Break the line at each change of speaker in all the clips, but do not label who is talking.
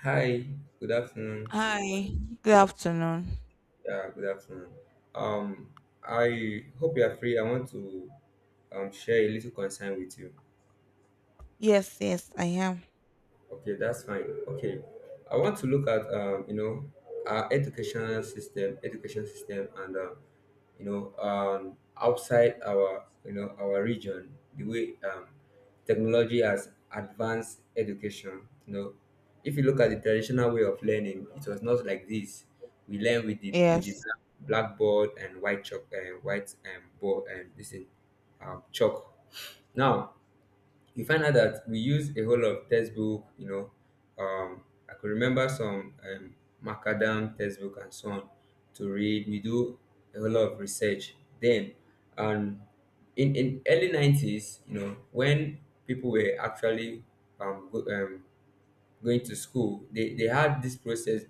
Hi, good afternoon.
Hi, good afternoon.
Yeah, good afternoon. Um, I hope you are free. I want to share a little concern with you.
Yes, yes, I am.
Okay, that's fine. Okay, I want to look at our educational system, education system, and outside our our region, the way technology has advanced education. If you look at the traditional way of learning, it was not like this. We learn with the
Yes,
blackboard and white chalk and white and board and this thing, chalk. Now you find out that we use a whole lot of textbook. Um, I could remember some Macadam textbook and so on to read. We do a whole lot of research then. And in early 90s, when people were actually um, go, um, going to school, they had this process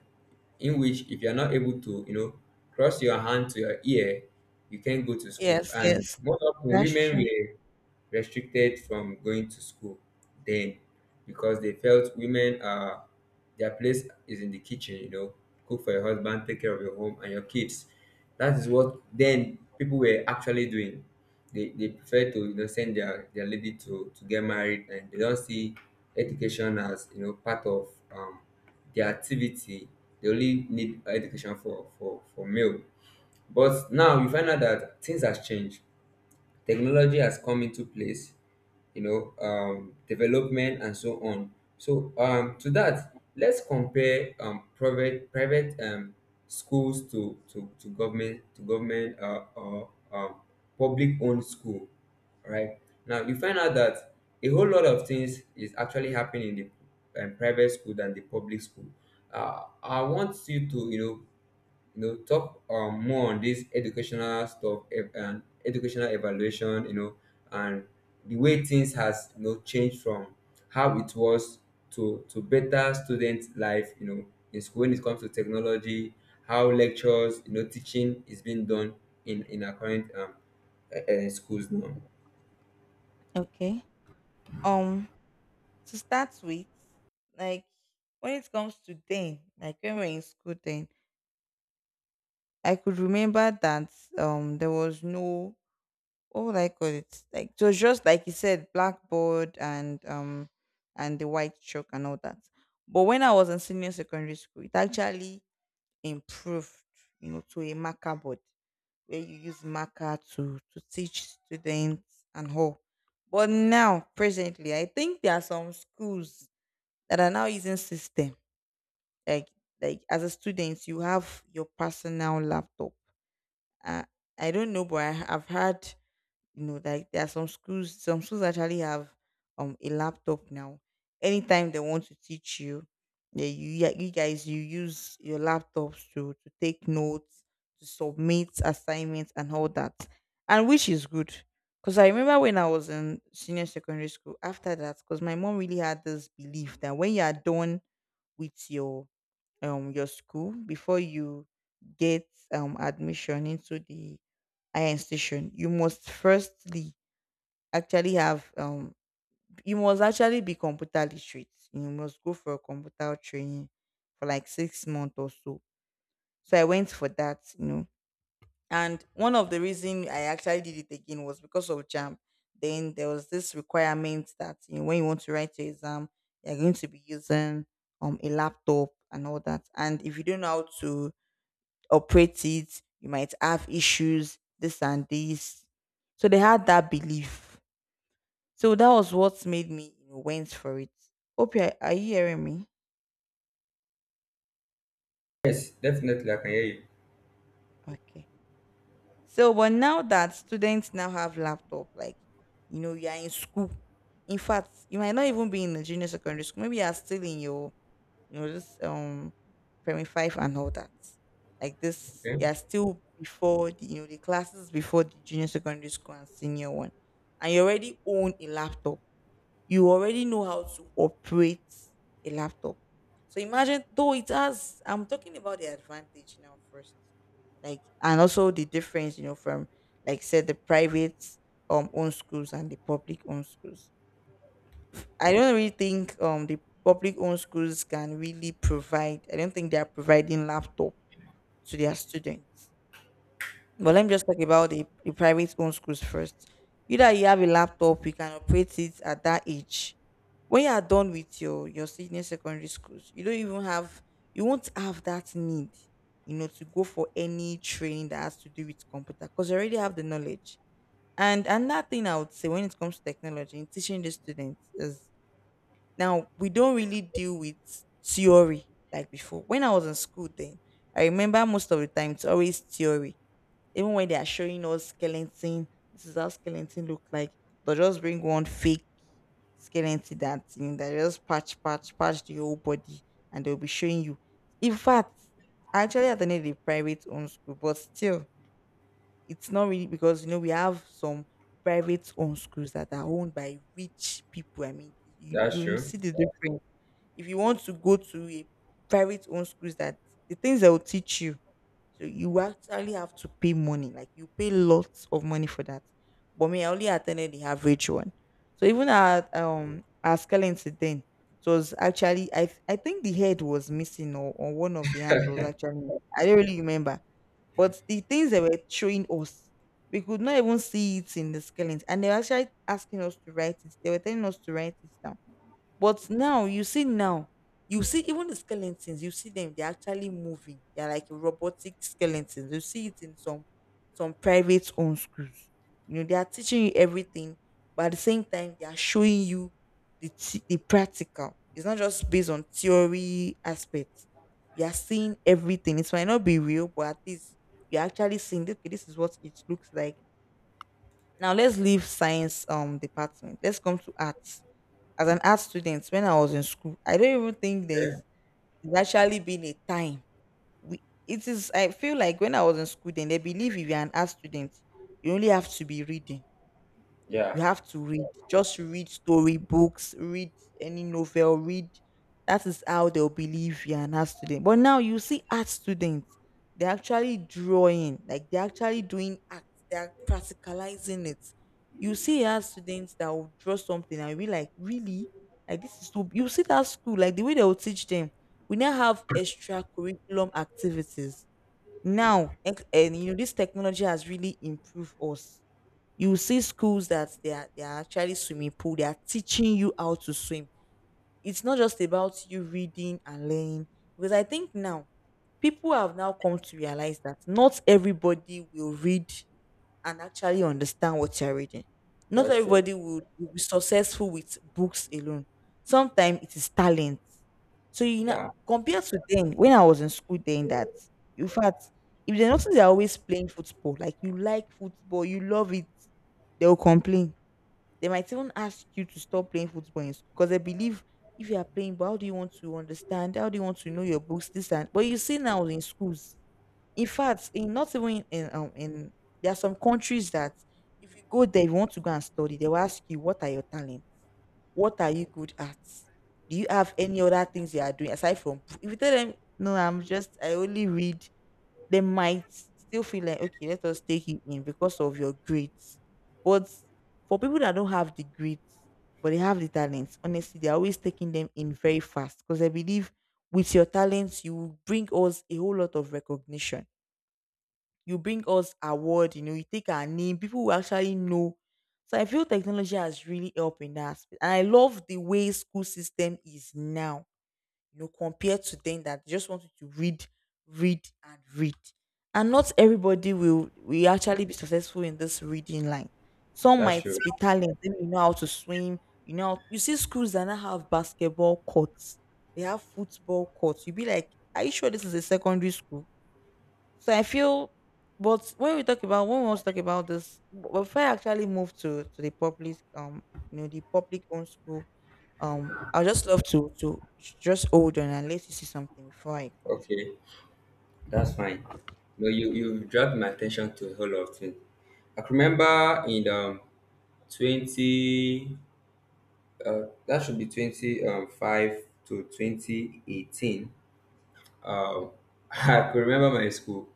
in which if you're not able to, cross your hand to your ear, you can't go to school.
yes,
And
yes,
more often
that's
women
true.
were restricted from going to school then, because they felt women, are their place is in the kitchen, cook for your husband, take care of your home and your kids. That is what then people were actually doing. They prefer to send their lady to get married, and they don't see education as part of um, their activity. They only need education for male. But now you find out that things has changed. Technology has come into place, development and so on. So to that, let's compare private schools to government um, public owned school. All right. Now you find out that a whole lot of things is actually happening in the private school than the public school. I want you to talk more on this educational stuff ev- and educational evaluation, and the way things has changed from how it was to better student life, in school, when it comes to technology, how lectures, teaching is being done in our current schools now.
Okay. Um, to start with, like when it comes to then, like when we're in school then, I could remember that there was no what would I call it? Like it was just like you said, blackboard and the white chalk and all that. But when I was in senior secondary school, it actually improved, you know, to a marker board where you use marker to teach students and all. But now, presently, I think there are some schools that are now using system. Like like as a student, you have your personal laptop. Uh, I don't know, but I've had you know, like there are some schools actually have a laptop now. Anytime they want to teach you, yeah, you guys you use your laptops to take notes, to submit assignments and all that, and which is good. Because I remember when I was in senior secondary school, after that, because my mom really had this belief that when you are done with your school before you get admission into the higher institution you must firstly actually have you must actually be computer literate, you must go for a computer training for like 6 months or so, so I went for that, you know, and one of the reason I actually did it again was because of JAMB. Then there was this requirement that, you know, when you want to write your exam you're going to be using a laptop and all that, and if you don't know how to operate it, you might have issues, this and this. So they had that belief. So that was what made me, you know, went for it. Hope you are you hearing me?
Yes, definitely I can hear you.
Okay. So, but now that students now have laptop, like you know, you are in school. In fact, you might not even be in the junior secondary school. Maybe you are still in your you know, this primary Five and all that. Like this,
Okay.
yeah, still before the, you know, the classes before the junior secondary school and senior one, and you already own a laptop. You already know how to operate a laptop. So imagine though it has. I'm talking about the advantage now first, like and also the difference, you know, from like said the private own schools and the public own schools. I don't really think the public owned schools can really provide. I don't think they are providing laptop to their students. But let me just talk about the private owned schools first. Either you have a laptop, you can operate it at that age. When you are done with your senior secondary schools, you don't even have you won't have that need, you know, to go for any training that has to do with computer because you already have the knowledge. And another thing I would say when it comes to technology in teaching the students is now, we don't really deal with theory like before. When I was in school then, I remember most of the time it's always theory. Even when they are showing us skeleton, this is how skeleton look like. They'll just bring one fake skeleton, that thing that just patch, patch, patch the whole body and they'll be showing you. In fact, I actually attended a private owned school, but still, it's not really because you know we have some private owned schools that are owned by rich people. I mean,
That's
you
true.
see the difference if you want to go to a private owned schools that the things they will teach you, so you actually have to pay money, like you pay lots of money for that. But me, I only attended the average one. So even at our skellington then, it was actually I think the head was missing, or one of the hands was actually, I don't really remember, but the things they were showing us we could not even see it in the skeleton, and they were actually asking us to write it, they were telling us to write it down. But now you you see even the skeletons, you see them, they're actually moving. They're like robotic skeletons. You see it in some private owned schools. You know, they are teaching you everything, but at the same time, they are showing you the practical. It's not just based on theory aspects. You are seeing everything. It might not be real, but at least you're actually seeing okay, this is what it looks like. Now let's leave science department. Let's come to arts as an art student, when I was in school, I don't even think
Okay.
there's actually been a time. It is. I feel like when I was in school, then they believe if you're an art student, you only have to be reading.
Yeah,
You have to read. Just read story books, read any novel, read. That is how they'll believe you're an art student. But now you see art students, they're actually drawing, like they're actually doing art, they're practicalizing it. You see art students that will draw something and you be like, really? Like this is so you see that school, like the way they will teach them. We now have extra curriculum activities now and you know this technology has really improved us. You will see schools that they are actually swimming pool. They are teaching you how to swim. It's not just about you reading and learning. Because I think now people have now come to realize that not everybody will read and actually understand what you're reading. Not
that's true.
everybody would will be successful with books alone. Sometimes it is talent. So you know,
Yeah,
compared to then, when I was in school, then that in fact, if they notice they're always playing football, like you like football, you love it, they'll complain. They might even ask you to stop playing football in school because they believe if you are playing, but how do you want to understand? How do you want to know your books? This and but you see now in schools, in fact, in not even in there are some countries that if you go there, you want to go and study, they will ask you what are your talents, what are you good at, do you have any other things you are doing aside from book?" If you tell them no, I only read, they might still feel like okay, let us take you in because of your grades. But for people that don't have the grades but they have the talents, honestly, they're always taking them in very fast because I believe with your talents you will bring us a whole lot of recognition, you bring us award, you know, you take our name, people will actually know. So I feel technology has really helped in that aspect. And I love the way school system is now, you know, compared to then that just wanted to read and read. And not everybody will actually be successful in this reading line. Some
that's
might
true.
be talented, maybe you know how to swim, you know, you see schools that now have basketball courts, they have football courts. You'll be like, are you sure this is a secondary school? So I feel, but when we talk about when we want to talk about this, before I actually move to the public, you know, the public owned school, I just love to just hold on and let you see something before I continue.
Okay. That's fine. No, you dragged my attention to a whole lot of things. I can remember in twenty uh that should be twenty five to twenty eighteen. Um, I could remember my school.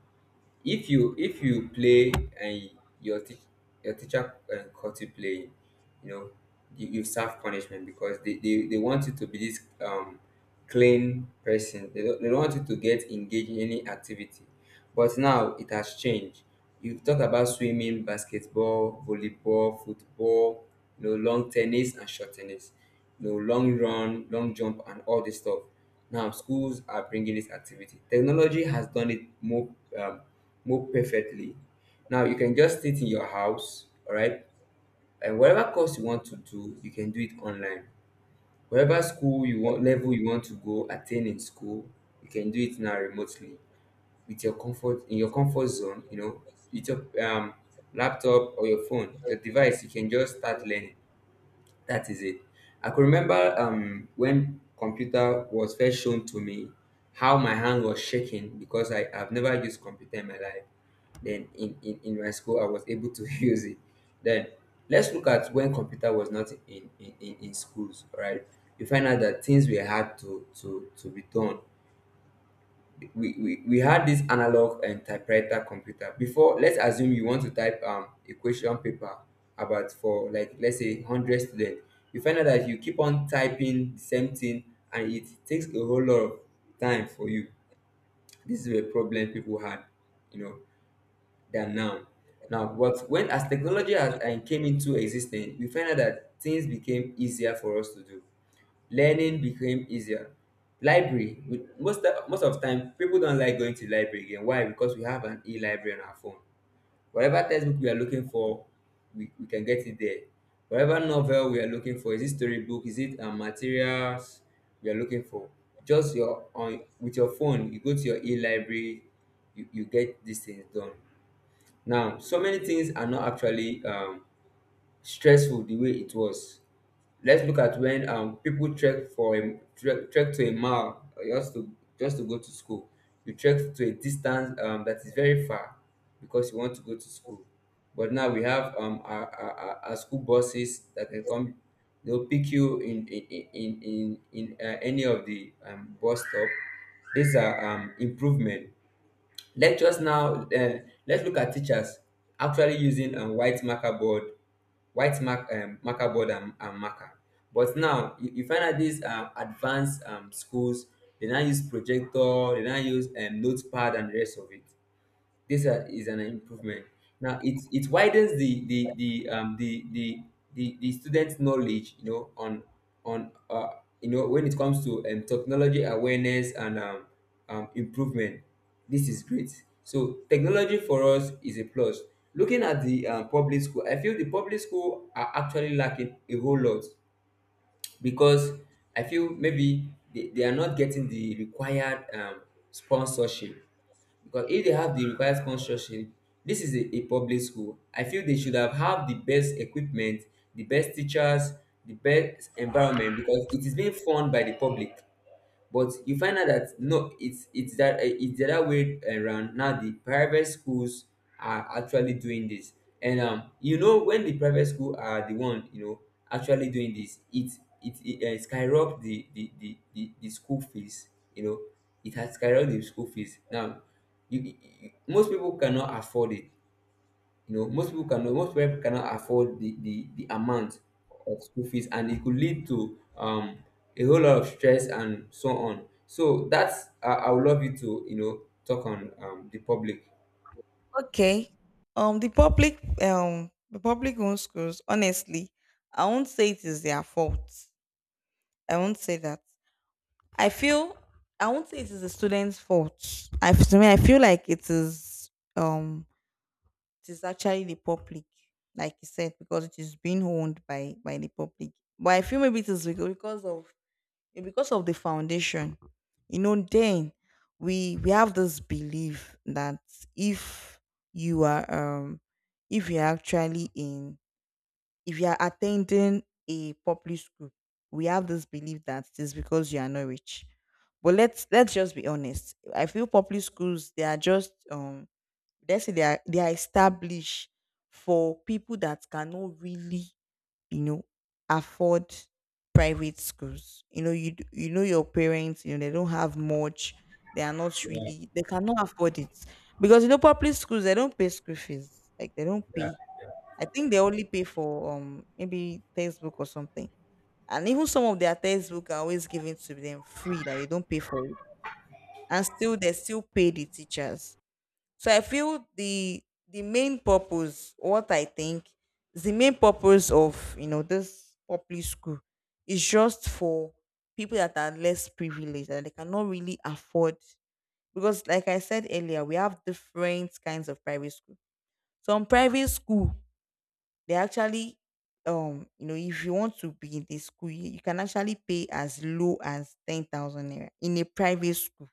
If you play, and your teach your teacher caught you playing, you know you serve punishment, because they want you to be this clean person. They don't want you to get engaged in any activity. But now it has changed. You talk about swimming, basketball, volleyball, football, long tennis and short tennis, long run, long jump, and all this stuff. Now schools are bringing this activity. Technology has done it um, more perfectly. Now you can just sit in your house, all right, and whatever course you want to do, you can do it online. Whatever school you want, level you want to go attain in school, you can do it now remotely, with your comfort in your comfort zone, with your laptop or your phone, your device, you can just start learning. That is it. I could remember when computer was first shown to me, how my hand was shaking, because I've never used computer in my life, then in my school I was able to use it then. Let's look at when computer was not in in schools, right. You find out that things were hard to be done. We had this analog and typewriter computer before. Let's assume you want to type a question paper, about for like let's say 100 students. You find out that you keep on typing the same thing, and it takes a whole lot of time for you. This is a problem people had, you know than now. Now, but when as technology has, and came into existence, we find out that things became easier for us to do. Learning became easier. Library, with most of the time, people don't like going to library again. Why? Because we have an e-library on our phone. Whatever textbook we are looking for, we can get it there. Whatever novel we are looking for, is it storybook, is it materials we are looking for? Just your on with your phone, you go to your e-library, you get these things done. Now, so many things are not actually stressful the way it was. Let's look at when people trek to a mile, just to go to school. You trek to a distance that is very far, because you want to go to school. But now we have our school buses that can come. They'll pick you in any of the bus stop. These are improvement. Let us now, uh, let's look at teachers actually using white marker board, marker board, and, marker. But now you find out these advanced schools, they now use projector, they now use notepad and the rest of it. This is an improvement. Now it widens the students' knowledge, on on uh when it comes to technology awareness and improvement. This is great. So technology for us is a plus. Looking at the public school, I feel the public school are actually lacking a whole lot, because I feel maybe they are not getting the required sponsorship. Because if they have the required sponsorship, this is a public school. I feel they should have the best equipment, the best teachers, the best environment, because it is being funded by the public. But you find out that no, it's the other way around. Now the private schools are actually doing this. And when the private school are the one actually doing this, it skyrocket the school fees. You know it has skyrocketed the school fees now. You, you, you- most people cannot afford it, most people cannot afford the amount of school fees. And it could lead to a whole lot of stress and so on. So that's I would love you to, talk on the public.
Okay. The public owned schools. Honestly, I won't say it is their fault. I won't say that. I feel I won't say it is the students' fault. To me, I feel like it is. Um, it is actually the public, like you said, because it is being owned by the public. But I feel maybe it is because of the foundation. You know, then we have this belief that if you are if you're actually in if you are attending a public school, we have this belief that it is because you are not rich. But let's just be honest. I feel public schools they are just, let's say they are established for people that cannot really, you know afford private schools. You know you d- you know your parents, they don't have much. They are not
Yeah,
really, they cannot afford it, because public schools they don't pay school fees, like they don't
yeah.
pay. I think they only pay for, maybe textbook or something. And even some of their textbook are always given to them free, like they don't pay for it, and still they still pay the teachers. So I feel, the main purpose, what I think, is the main purpose of this public school is just for people that are less privileged, that they cannot really afford, because like I said earlier, we have different kinds of private school. Some private school they actually, if you want to be in the school, you can actually pay as low as 10,000 naira in a private school.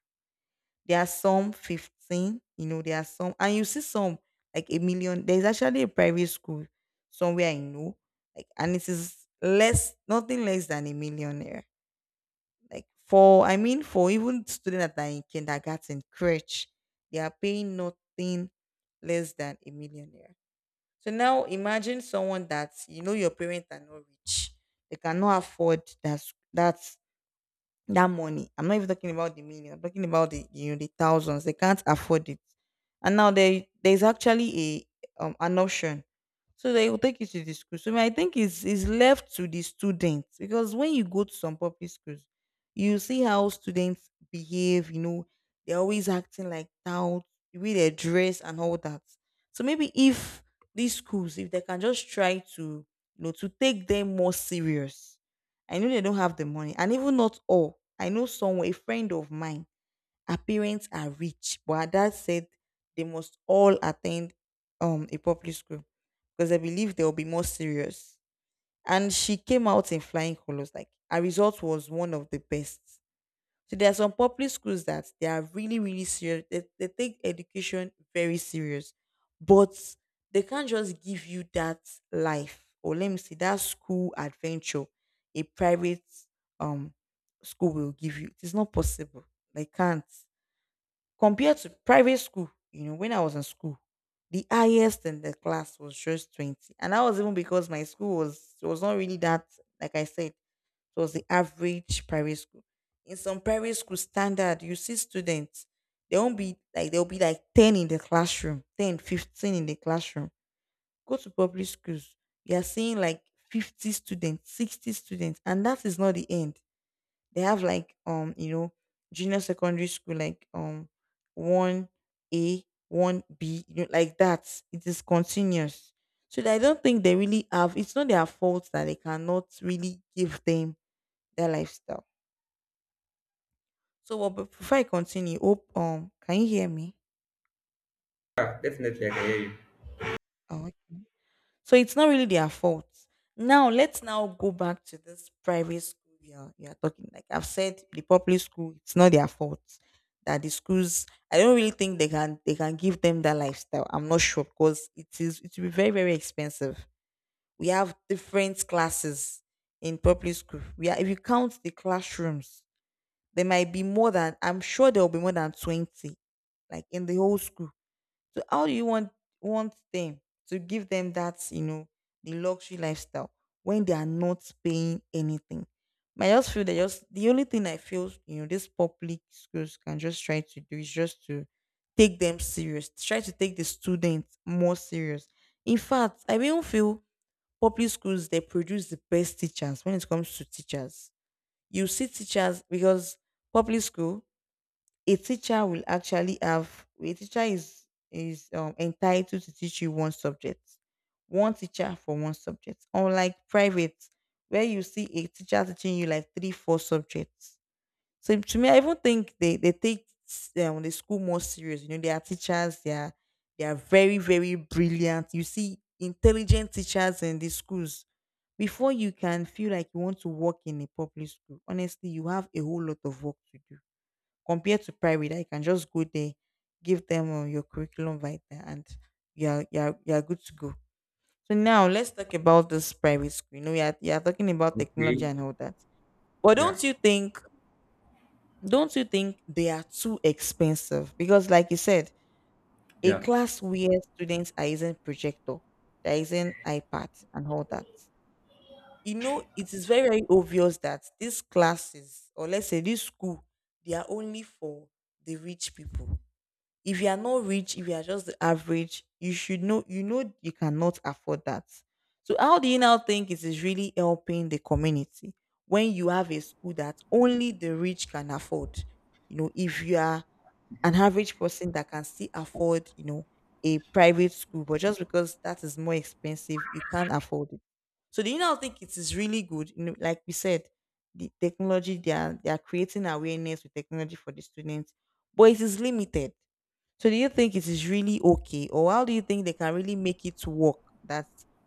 There are some 15, there are some, and you see some like a million. There's actually a private school somewhere I know, like, and it is less, nothing less than a millionaire. Like, for, I mean, for even students that are in kindergarten, crèche, they are paying nothing less than a millionaire. So now imagine someone that, your parents are not rich, they cannot afford that s- that that money. I'm not even talking about the million. I'm talking about the you know the thousands. They can't afford it. And now there's actually a an option. So they will take you to the school. So I think it's left to the students, because when you go to some public schools, you see how students behave. They're always acting like out with their dress and all that. So maybe if these schools, if they can just try to, to take them more serious. I know they don't have the money, and even not all. I know someone, a friend of mine, her parents are rich, but her dad said they must all attend, a public school, because I believe they'll be more serious. And she came out in flying colors. Like, her result was one of the best. So there are some public schools that they are really, really serious. They take education very serious, but they can't just give you that life, or let me see, that school adventure a private, um school will give you. It is not possible. They can't compared to private school. You know, when I was in school, the highest in the class was just 20, and that was even because my school was not really that. Like I said, it was the average private school. In some private school standard, you see students, they won't be like, they'll be like 10 in the classroom, 10, 15 in the classroom. Go to public schools, you are seeing like 50 students, 60 students, and that is not the end. They have like, junior secondary school, like, one A, one B, like that. It is continuous. So I don't think they really have, it's not their fault that they cannot really give them their lifestyle. So, well, but before I continue, hope, can you hear me?
Yeah, definitely I can hear you.
Oh, okay. So it's not really their fault. Now let's now go back to this private school you are talking. Like I've said, the public school, it's not their fault, that the schools. I don't really think they can give them that lifestyle. I'm not sure, because it is, it will be very, very expensive. We have different classes in public school. We are, if you count the classrooms, there might be more than, I'm sure there will be more than 20, like in the whole school. So how do you want them to give them that, the luxury lifestyle, when they are not paying anything? I just feel that, just the only thing I feel, these public schools can just try to do, is just to take them serious, try to take the students more serious. In fact, I even feel public schools they produce the best teachers when it comes to teachers. You see teachers because public school, a teacher will actually have, a teacher is entitled to teach you one subject, one teacher for one subject, unlike private where you see a teacher teaching you like three four subjects. So to me, I even think they take, the school more serious. They are teachers, they are very, very brilliant. You see intelligent teachers in the schools. Before you can feel like you want to work in a public school, honestly, you have a whole lot of work to do, compared to private that you can just go there, give them, your curriculum vitae, and you're good to go. So now let's talk about this private school. You're talking about
Okay.
technology and all that. But
Yeah,
don't you think they are too expensive? Because like you said, a
yeah.
class where students are using projector, they're using iPad and all that. It is very, very obvious that these classes, or let's say this school, they are only for the rich people. If you are not rich, if you are just the average, you should know, you cannot afford that. So how do you now think it is really helping the community, when you have a school that only the rich can afford? If you are an average person that can still afford, a private school, but just because that is more expensive, you can't afford it. So do you now think it is really good? Like we said, the technology, they are creating awareness with technology for the students, but it is limited. So do you think it is really okay? Or how do you think they can really make it work, that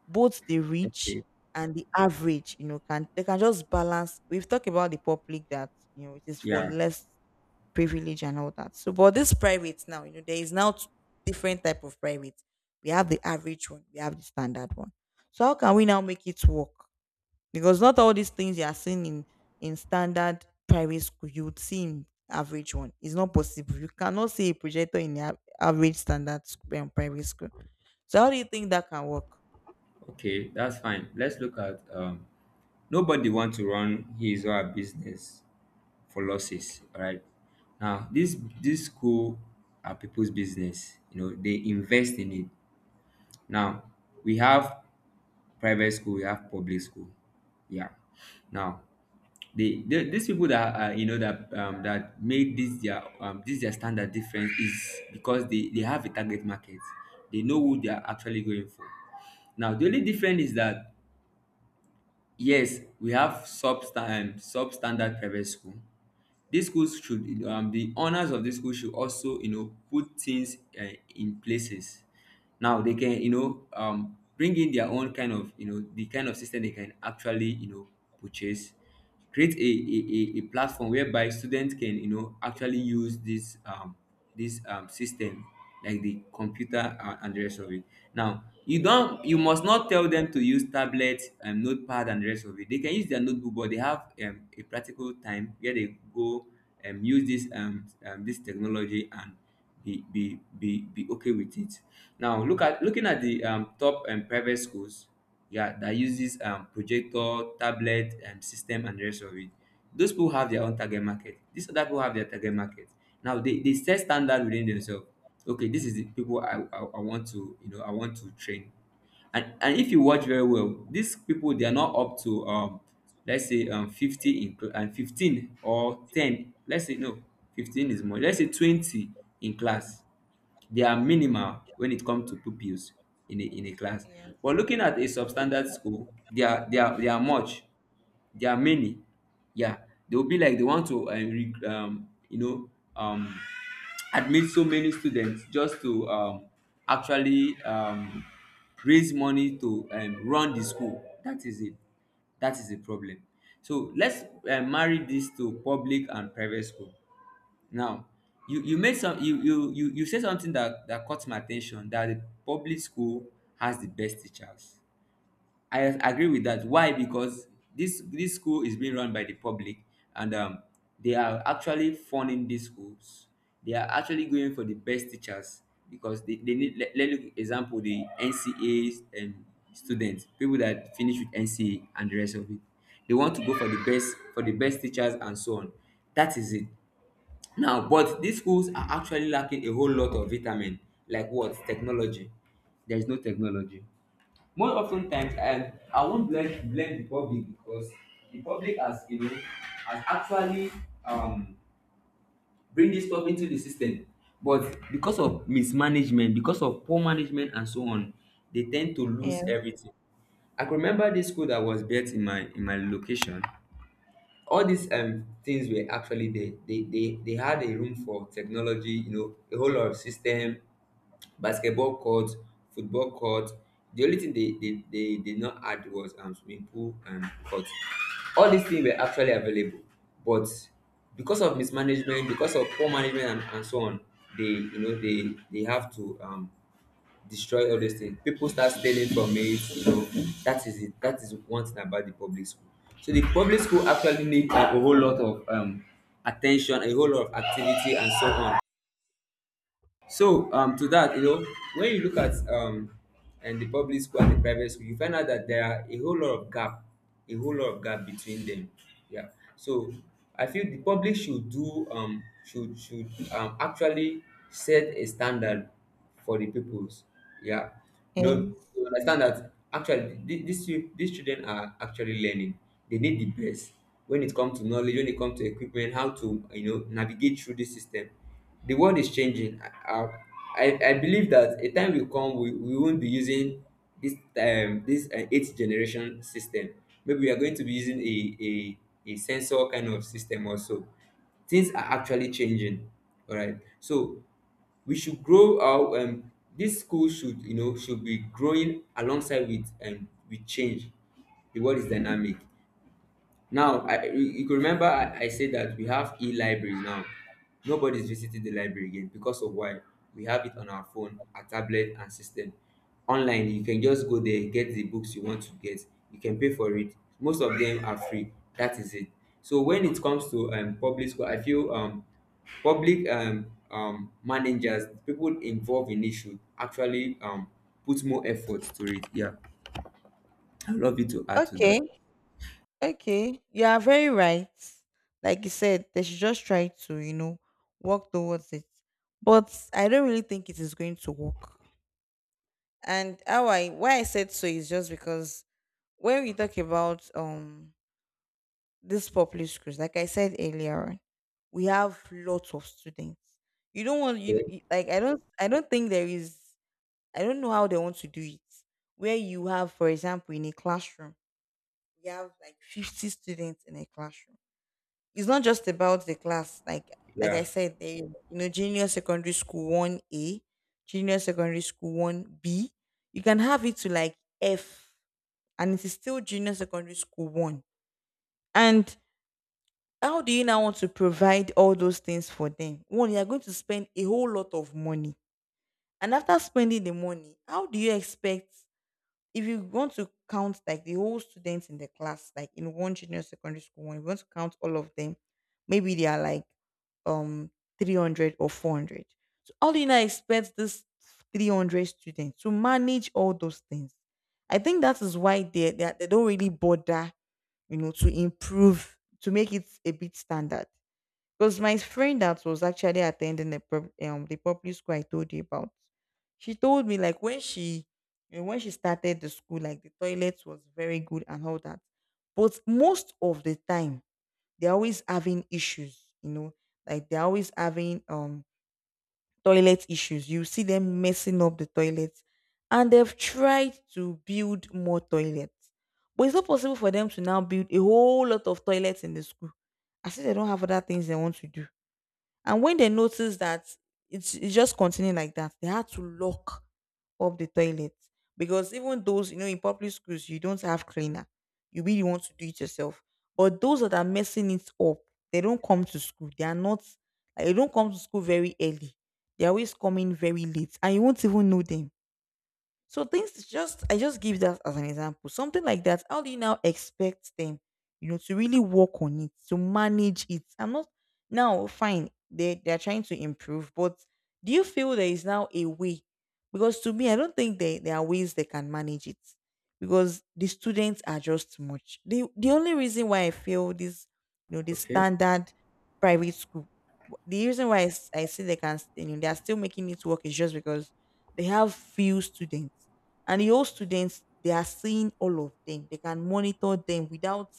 both the rich
Okay.
and the average, can they can just balance? We've talked about the public, that it is for
Yeah.
less privilege and all that. So, but this private now, there is now, different type of private. We have the average one, we have the standard one. So how can we now make it work? Because not all these things you are seeing in standard private school you would see in average one. It's not possible. You cannot see a projector in the, average standard school and private school. So how do you think that can work?
Okay. That's fine. Let's look at nobody wants to run his or her business for losses. All right. Now, this school are people's business. You know, they invest in it. Now, we have private school, we have public school. Yeah. Now, these people that are, that made this their standard difference, is because they have a target market. They know who they are actually going for. Now, the only difference is that yes, we have substandard private school. The owners of these schools should also put things, in places. Now they can bring in their own kind of system. They can actually purchase, create a platform whereby students can actually use this system, like the computer, and, the rest of it. Now you must not tell them to use tablet and notepad and the rest of it. They can use their notebook, but they have a practical time where they go, use this technology and be okay with it. Now looking at the top and private schools, yeah, that uses projector, tablet, system, and the rest of it. Those people have their own target market. These other people have their target market. Now they set standard within themselves. Okay, this is the people I want to train. And if you watch very well, these people, they are not up to let's say 50 in and 15 or 10. Let's say no, 15 is more. Let's say 20 in class. They are minimal when it comes to pupils in a class. But
Yes.
looking at a substandard school, they are much. There are many. Yeah, they will be like they want to, um, admit so many students just to actually raise money to run the school. That is it. That is the problem. So let's marry this to public and private school. Now, you made some you you you you said something that caught my attention, that the public school has the best teachers. I agree with that. Why? Because this school is being run by the public, and they are actually funding these schools. They are actually going for the best teachers because they need. Let look example the NCAs and students, people that finish with NCA and the rest of it. They want to go for the best, for the best teachers and so on. That is it. Now, but these schools are actually lacking a whole lot of vitamin, like what? Technology. There is no technology. More often times, and I won't blame the public because the public has, you know, has actually um, bring this stuff into the system. But because of mismanagement, because of poor management and so on, they tend to lose
Yes,
everything. I can remember this school that was built in my location. All these things were actually there. They had a room for technology, you know, a whole lot of system, basketball courts, football courts. The only thing they did not add was swimming pool and court. All these things were actually available, but because of mismanagement, because of poor management and so on, they you know they have to destroy all those things. People start stealing from it, you know. That is it. That is one thing about the public school. So the public school actually need a whole lot of attention, a whole lot of activity and so on. So to that, you know, when you look at and the public school and the private school, you find out that there are a whole lot of gap, a whole lot of gap between them. Yeah. So I feel the public should do should actually set a standard for the pupils. Yeah, you know,
yes.
to understand that actually these children are actually learning. They need the best when it comes to knowledge, when it comes to equipment, how to you know navigate through this system. The world is changing. I believe that a time will come we won't be using this eighth generation system. Maybe we are going to be using a sensor kind of system also. Things are actually changing. All right, so we should grow our this school should you know should be growing alongside with change. The world is dynamic. Now, I, you could remember I said that we have e-libraries now. Nobody's visiting the library again because of why? We have it on our phone, our tablet, and system. Online, you can just go there, get the books you want to get. You can pay for it. Most of them are free. That is it. So when it comes to public school, I feel public managers, people involved in it should actually put more effort to it. Yeah, I love you to add to that.
Okay, okay, you are very right. Like you said, they should just try to, work towards it. But I don't really think it is going to work, and how I why I said so is just because, when we talk about, these popular schools, like I said earlier on, we have lots of students. You don't want, like I don't think there is, I don't know how they want to do it. Where you have, for example, in a classroom, you have like 50 students in a classroom. It's not just about the class. Like I
Yeah.
said, there is, junior secondary school one A, junior secondary school one B. You can have it to like F, and it is still junior secondary school one. And how do you now want to provide all those things for them? One, you are going to spend a whole lot of money. And after spending the money, how do you expect, if you want to count like the whole students in the class, like in one junior secondary school, when you want to count all of them, maybe they are like, um 300 or 400. So how do you now expect this 300 students to manage all those things? I think that is why, they don't really bother, to improve, to make it a bit standard, because my friend that was actually attending the, the public school I told you about, she told me, like, when she started the school, like, the toilet was very good and all that. But most of the time, they're always having issues, like, they're always having, toilet issues. You see them messing up the toilets, and they've tried to build more toilets, but it's not possible for them to now build a whole lot of toilets in the school. I see they don't have other things they want to do. And when they noticed that it's just continuing like that, they had to lock up the toilet, because even those, in public schools, you don't have cleaner. You really want to do it yourself. But those that are messing it up, they don't come to school. They are not, like, they don't come to school very early. They're always coming very late, and you won't even know them. So things just, I just give that as an example. Something like that. How do you now expect them, to really work on it, to manage it? I'm not, now fine. They're trying to improve, but do you feel there is now a way? Because to me, I don't think they, there are ways they can manage it, because the students are just too much. The only reason why I feel this, this
Okay.
standard private school. The reason why I say they can, they are still making it work, is just because they have few students, and the old students they are seeing all of them. They can monitor them without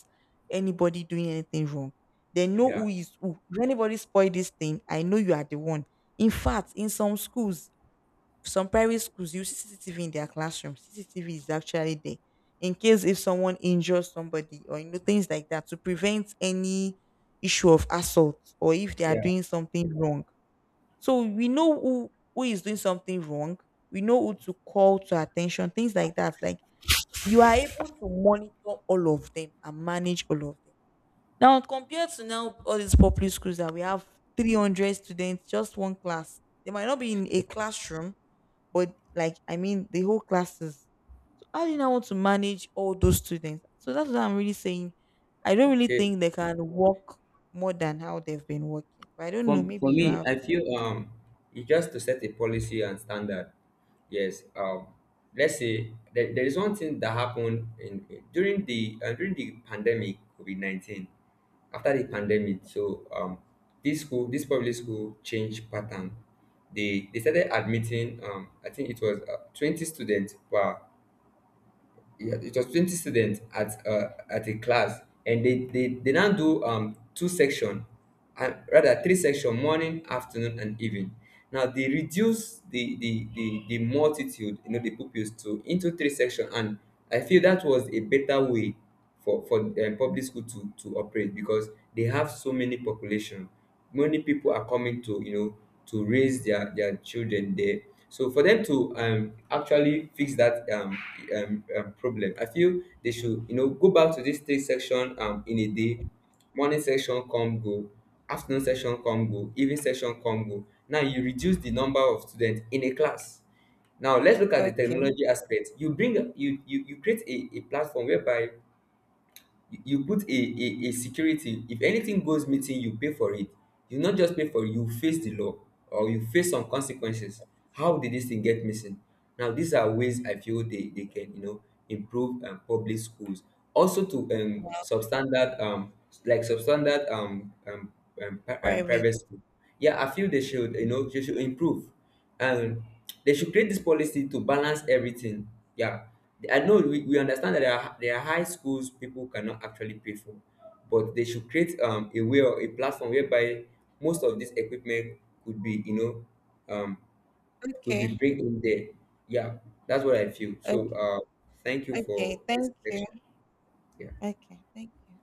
anybody doing anything wrong. They know
Yeah.
who is who. If anybody spoil this thing, I know you are the one. In fact, in some schools, some private schools you see CCTV in their classroom. CCTV is actually there, in case if someone injures somebody, or things like that, to prevent any issue of assault, or if they are
Yeah.
doing something wrong. So we know who is doing something wrong. We know who to call to attention. Things like that. Like, you are able to monitor all of them, and manage all of them. Now compared to now, all these public schools that we have, 300 students just one class. They might not be in a classroom, but like, I mean, the whole classes. So how do you now want to manage all those students? So that's what I'm really saying. I don't really
Okay.
think they can work more than how they've been working. But I don't know.
For
Maybe you
me,
have.
I feel you just to set a policy and standard. Yes. Let's say there is one thing that happened during the pandemic COVID 19. After the pandemic, so this school, this public school changed pattern. They started admitting. I think it was 20 students per yeah, it was 20 students at a class, and they now do two section and rather three section, morning, afternoon and evening. Now they reduce the multitude, you know, the pupils to into three section, and I feel that was a better way for public school to operate because they have so many population. Many people are coming to, you know, to raise their children there. So for them to actually fix that problem, I feel they should, you know, go back to this state section in a day. Morning section come go, afternoon section come go, evening section come go. Now you reduce the number of students in a class. Now let's look at the
Okay.
technology aspect. You bring, you create a platform whereby you you put a security. If anything goes meeting, you pay for it. You not just pay for it, you face the law, or you face some consequences. How did this thing get missing? Now these are ways I feel they can, you know, improve public schools, also to
Well,
substandard um, like substandard um
private.
private school. Yeah, I feel they should, you know, they should improve um, they should create this policy to balance everything. Yeah. I know we understand that there are high schools people cannot actually pay for, but they should create a way or a platform whereby most of this equipment could be, you know, could be
Okay.
bring in there. Yeah, that's what I feel.
O,
So thank you
okay.
for this
Thank you.
section. Yeah.
Okay. Thank you.